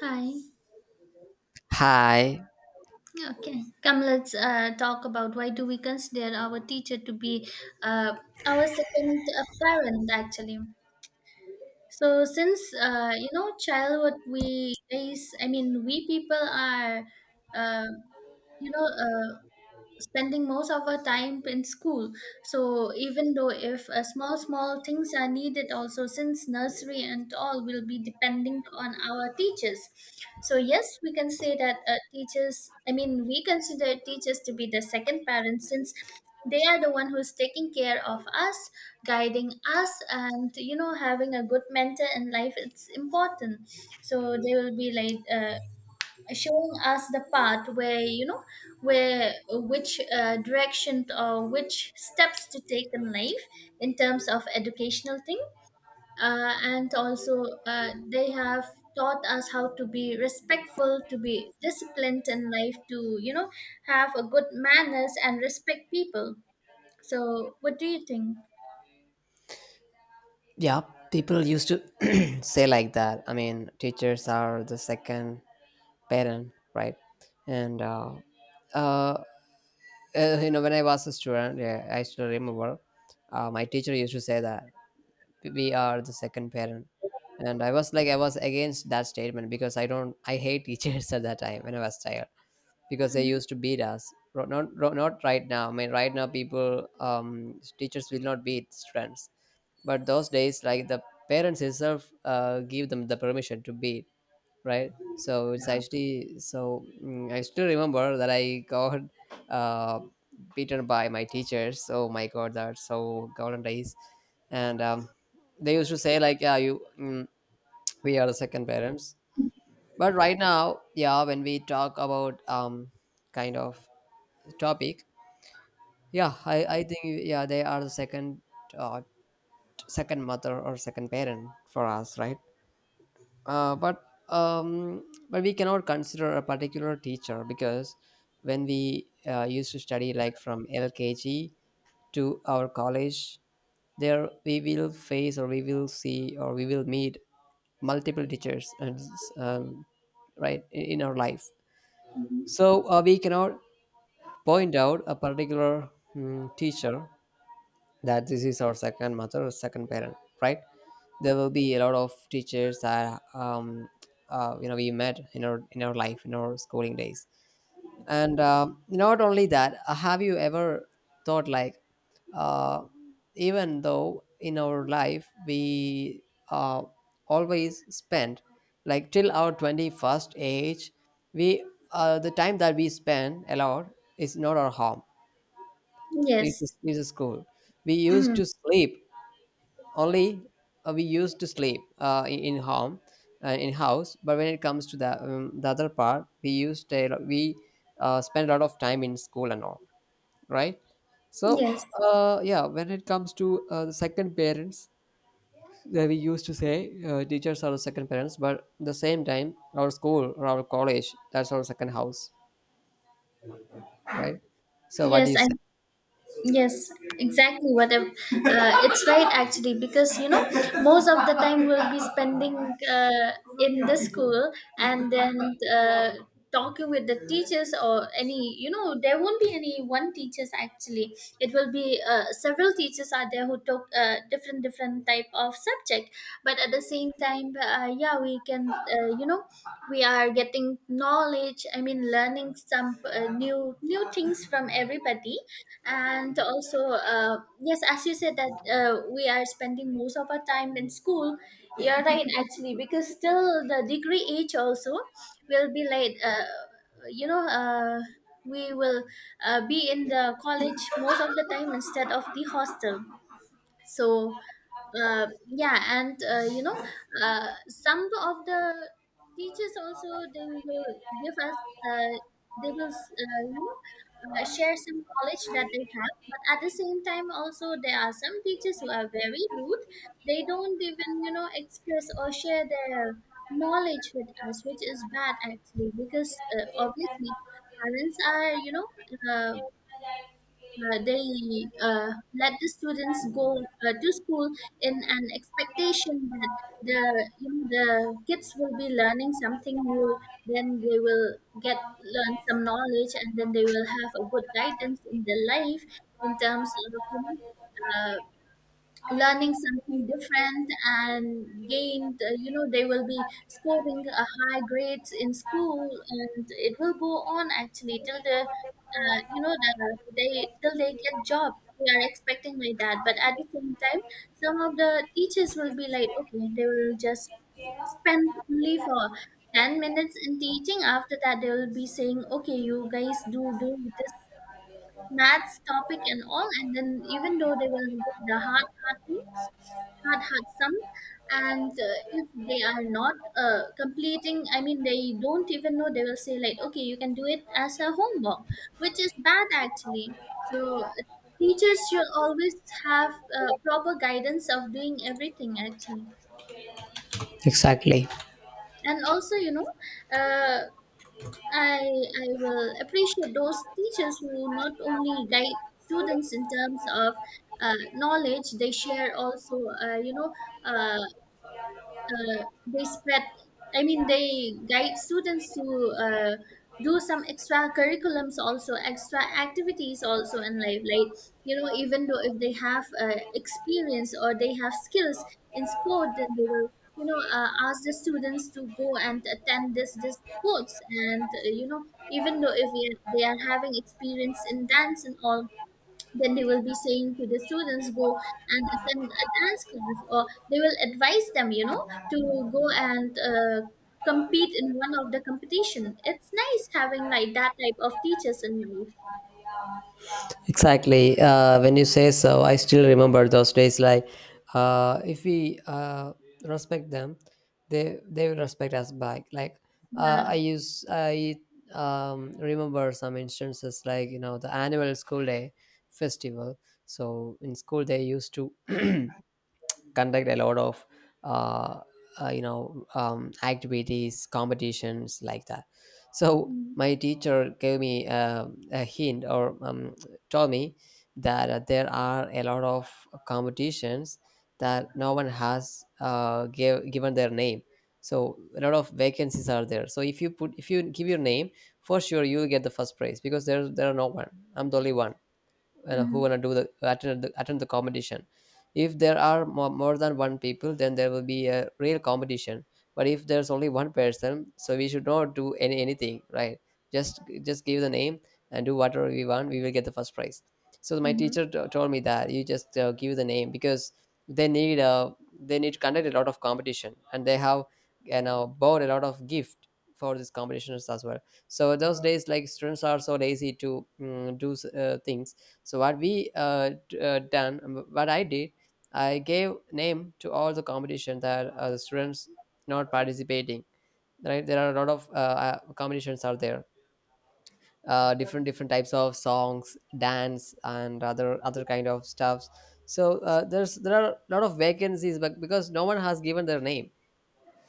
Hi. Hi. Okay. Come, let's talk about why do we consider our teacher to be uh, our second parent, actually. So since you know childhood, we raise. I mean, we people are, uh, you know, uh, spending most of our time in school, so even though if small small things are needed also since nursery and all will be depending on our teachers. So yes, we can say that teachers, I mean, we consider teachers to be the second parents since they are the one who's taking care of us, guiding us, and you know having a good mentor in life, it's important. So they will be like showing us the path where you know where which direction or which steps to take in life in terms of educational thing. And also they have taught us how to be respectful, to be disciplined in life, to you know have a good manners and respect people. So what do you think? Yeah, people used to say like that. I mean, teachers are the second parent, right? And uh, you know, when I was a student, yeah, I still remember my teacher used to say that we are the second parent, and I was against that statement because I don't, I hate teachers at that time when I was child because they Hmm. used to beat us. Not right now. I mean, right now teachers will not beat students. But those days, like, the parents itself give them the permission to be right. So it's actually so I still remember that I got uh, beaten by my teachers. Oh my god, that's so golden days. And they used to say like, yeah, you we are the second parents. But right now, yeah, when we talk about kind of topic, yeah I think, yeah, they are the second uh, second mother or second parent for us, right? uh, but um, but we cannot consider a particular teacher because when we used to study like from LKG to our college, there we will face or we will see or we will meet multiple teachers, and um, right in our life. So we cannot point out a particular teacher that this is our second mother or second parent, right? There will be a lot of teachers that you know, we met in our life, in our schooling days. And Not only that, have you ever thought like, uh, even though in our life we uh, always spend, like, till our 21st age, we the time that we spend a lot is not our home, Yes. it's a school. We used Hmm. to sleep only, we used to sleep in home, in house. But when it comes to the other part, we spent a lot of time in school and all, right? So Yes. Yeah, when it comes to the second parents that we used to say, teachers are the second parents, but the same time, our school or our college, that's our second house, right? So what do Yes. you I say? Yes, exactly. Whatever, it's right actually because you know most of the time we'll be spending in the school, and then uh, talking with the teachers or any you know there won't be any one teachers actually. It will be several teachers are there who talk different different type of subject, but at the same time, yeah, we can you know we are getting knowledge. I mean, learning some new new things from everybody. And also yes, as you said that we are spending most of our time in school. You're right actually, because still the degree age also will be like you know uh, we will be in the college most of the time instead of the hostel. So yeah, and some of the teachers also, they will give us they will share some knowledge that they have, but at the same time also there are some teachers who are very rude. They don't even you know express or share their knowledge with us, which is bad actually because obviously parents are you know uh, they uh, let the students go to school in an expectation that the you know, the kids will be learning something new, then they will get learn some knowledge and then they will have a good guidance in their life in terms of you know, uh, learning something different and gained you know they will be scoring a high grades in school, and it will go on actually till the you know the, they till they get job. We are expecting like that, but at the same time some of the teachers will be like okay, they will just spend only for 10 minutes in teaching, after that they will be saying okay you guys do this maths topic and all, and then even though they will give the hard hard things, hard hard sum, and if they are not completing, I mean they don't even know, they will say like okay you can do it as a homework, which is bad actually. So teachers should always have proper guidance of doing everything actually. Exactly. And also you know uh, I will appreciate those teachers who not only guide students in terms of knowledge, they share also uh, you know uh, uh, they spread, I mean they guide students to uh, do some extra curriculums also, extra activities also in life, like you know even though if they have experience or they have skills in sport, then they will you know ask the students to go and attend this sports. And you know even though if we- they are having experience in dance and all, then they will be saying to the students go and attend a dance class, or they will advise them you know to go and compete in one of the competition. It's nice having like that type of teachers in life. Exactly. When you say so, I still remember those days. Like, if we respect them, they will respect us back. Like, Yeah. I remember some instances, like, you know, the annual school day festival. So in school they used to conduct a lot of uh, you know, activities, competitions, like that. So Mm-hmm. my teacher gave me a hint or told me that there are a lot of competitions that no one has given their name. So a lot of vacancies are there, so if you give your name, for sure you will get the first prize because there are no one, I'm the only one, you know, who Mm-hmm. wanna do the attend the attend the competition. If there are more than one people, then there will be a real competition. But if there's only one person, so we should not do anything, right? Just give the name and do whatever we want. We will get the first prize. So my Mm-hmm. teacher told me that you just give the name because they need uh, they need to conduct a lot of competition, and they have, you know, bought a lot of gift for these competitions as well. So those days, like, students are so lazy to things. So what we d- done, what I did, I gave name to all the competition that the students not participating. Right, there are a lot of competitions are there. Different different types of songs, dance, and other kind of stuffs. So there are a lot of vacancies, but because no one has given their name,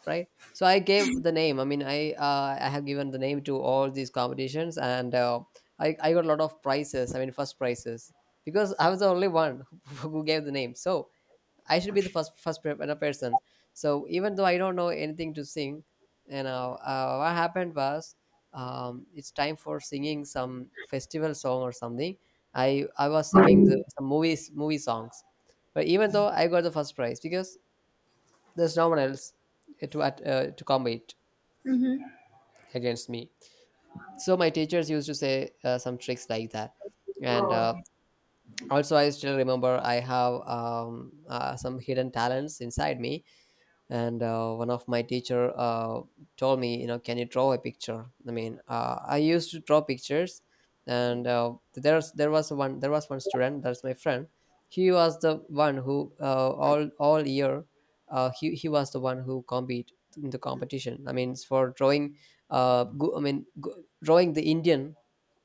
right? So I gave the name, I mean, I have given the name to all these competitions, and I got a lot of prizes, I mean, first prizes, because I was the only one who gave the name. So I should be the first person. So even though I don't know anything to sing, you know, what happened was, it's time for singing some festival song or something. I was singing the some movie songs. But even though I got the first prize because there's no one else to combat Mm-hmm. against me. So my teachers used to say some tricks like that. And Also, I still remember, I have some hidden talents inside me. And One of my teacher told me, you know, can you draw a picture? I mean, I used to draw pictures. And there's There was one there was one student, that's my friend. He was the one who all year, he was the one who compete in the competition, I mean, it's for drawing, go, I mean go, drawing the Indian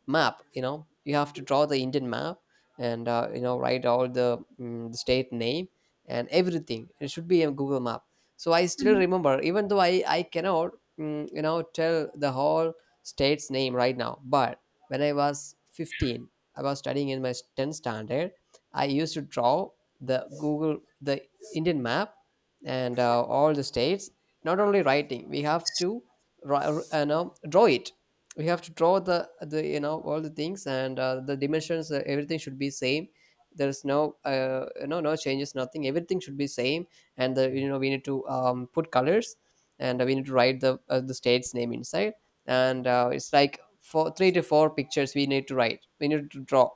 map. You know, you have to draw the Indian map, and you know, write all the, the state name, and everything. It should be a Google map. So I still remember, even though I cannot you know, tell the whole state's name right now. But when I was 15, I was studying in my 10th standard, I used to draw the Indian map and all the states. Not only writing, we have to ri- no, draw it. We have to draw the, you know, all the things, and the dimensions, everything should be same. There's no changes, nothing, everything should be same. And the You know, we need to put colors, and we need to write the state's name inside. And It's like four three to four pictures we need to write we need to draw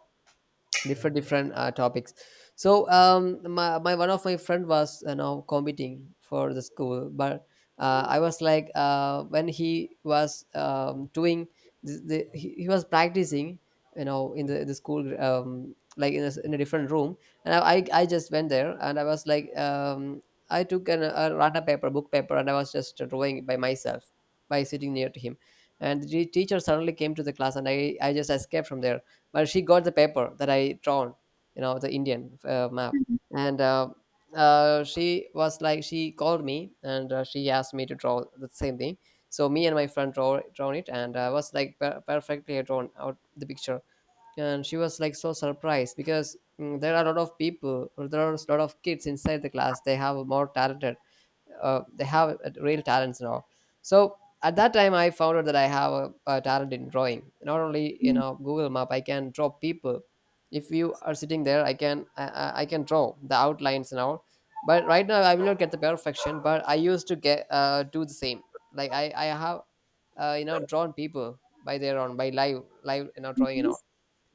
different different topics. So my one of my friend was, you know, competing for the school, but I was like when he was doing he was practicing, you know, in the school, in a different room, and I just went there, and I was like I took a rata paper, book paper, and I was just drawing by myself, by sitting near to him. And the teacher suddenly came to the class, and I just escaped from there. But she got the paper that I drawn, you know, the Indian map. Mm-hmm. And she was like, She called me, and she asked me to draw the same thing. So me and my friend drawn it, and I was like perfectly drawn out the picture. And she was like so surprised, because there are a lot of people, or there are a lot of kids inside the class, they have more talented, they have real talents and all. So at that time, I found out that I have a talent in drawing. Not only, you know, Google map, I can draw people. If you are sitting there, I can I can draw the outlines and all. But right now I will not get the perfection, but I used to get, do the same. Like, I have you know, drawn people by their own, by live, you know, drawing and all.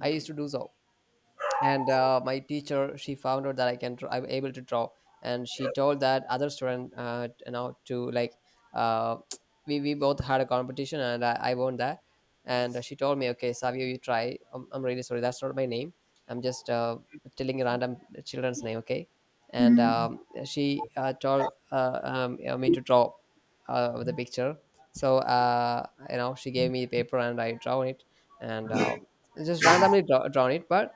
I used to do so. And My teacher, she found out that I'm able to draw. And she told that other student, you know to like uh, we both had a competition, and I won that. And she told me, okay, Savio, you try. I'm really sorry, that's not my name, I'm just telling random children's name, okay. and Mm-hmm. She told you know, me to draw the picture. So, you know, she gave me the paper, and I drawn it, and just randomly drawn it. But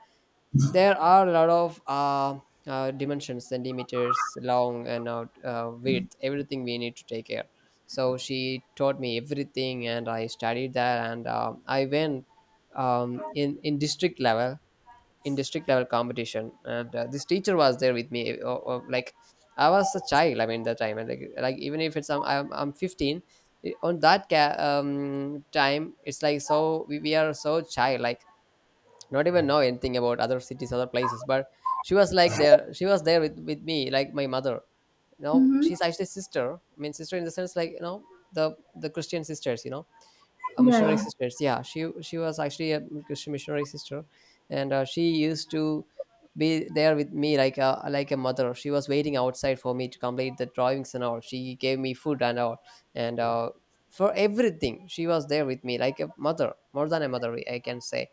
there are a lot of dimensions, centimeters long, and out width, everything we need to take care. So she taught me everything, and I studied that, and I went um, in in district level, in district level competition, and this teacher was there with me. Like, I was a child, I mean, that time, and like even if it's I'm 15, time, it's like, so we are so child like, not even know anything about other cities, other places. But she was like there, she was there with me like my mother. Now Mm-hmm. she's actually sister, I mean sister in the sense, like, you know, the Christian sisters, you know, Yeah, missionary yeah. sisters. Yeah, she was actually a Christian missionary sister. And She used to be there with me like a mother. She was waiting outside for me to complete the drawings and all. She gave me food and all, and for everything, she was there with me like a mother, more than a mother, I can say.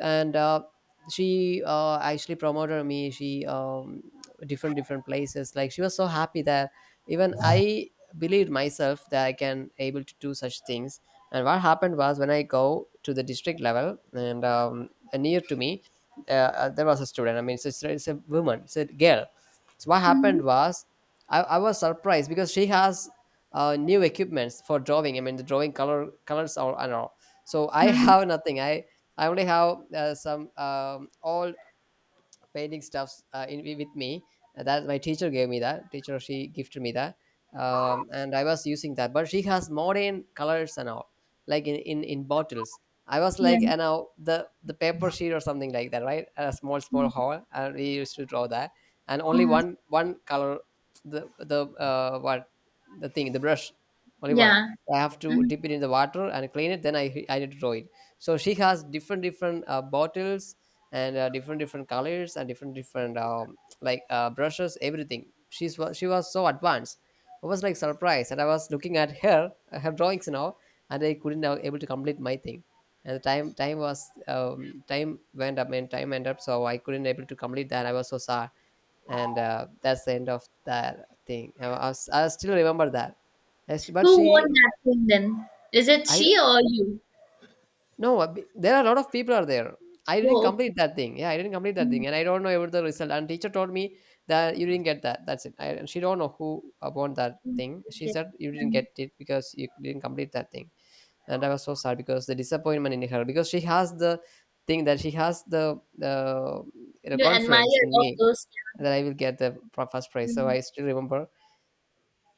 And She actually promoted me, she, different different places, like she was so happy that even I believed myself that I can able to do such things. And what happened was, when I go to the district level, and near to me, there was a student, I mean, it's a woman, it's a girl. So what Mm-hmm. happened was, I was surprised because she has new equipments for drawing, I mean, the drawing colors, all and all. So I Mm-hmm. have nothing. I I only have some all painting stuffs with me. That my teacher gave me that. Teacher, she gifted me that, and I was using that. But she has modern colors and all, like in bottles. I was Yeah. like, and now the the paper sheet or something like that, right? A small hole, and we used to draw that, and only Mm-hmm. One color, the the uh, what the thing, the brush, only one. Yeah. I have to Mm-hmm. dip it in the water and clean it. Then I need to draw it. So she has different different bottles, and different different colors, and different different brushes. Everything, she was so advanced. I was like surprised, and I was looking at her her drawings now, and I couldn't now able to complete my thing. And the time was, time went up, so I couldn't able to complete that. I was so sad. And That's the end of that thing. I still remember that. But Who she, won that thing then? Is it I, she or you? No, b there are a lot of people are there. I didn't Oh, complete that thing. Yeah, I didn't complete that thing, okay. and I don't know about the result. And teacher told me that you didn't get that. That's it. And she don't know who won that Mm, thing. She okay. said you didn't Mm. get it because you didn't complete that thing. And I was so sad because the disappointment in her, because she has the thing that she has the You confidence admire in all me those. that I will get the first Yeah. prize. So Mm. I still remember.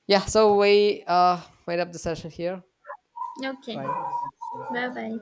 Yeah. So we made up the session here, Okay. right? Bye bye.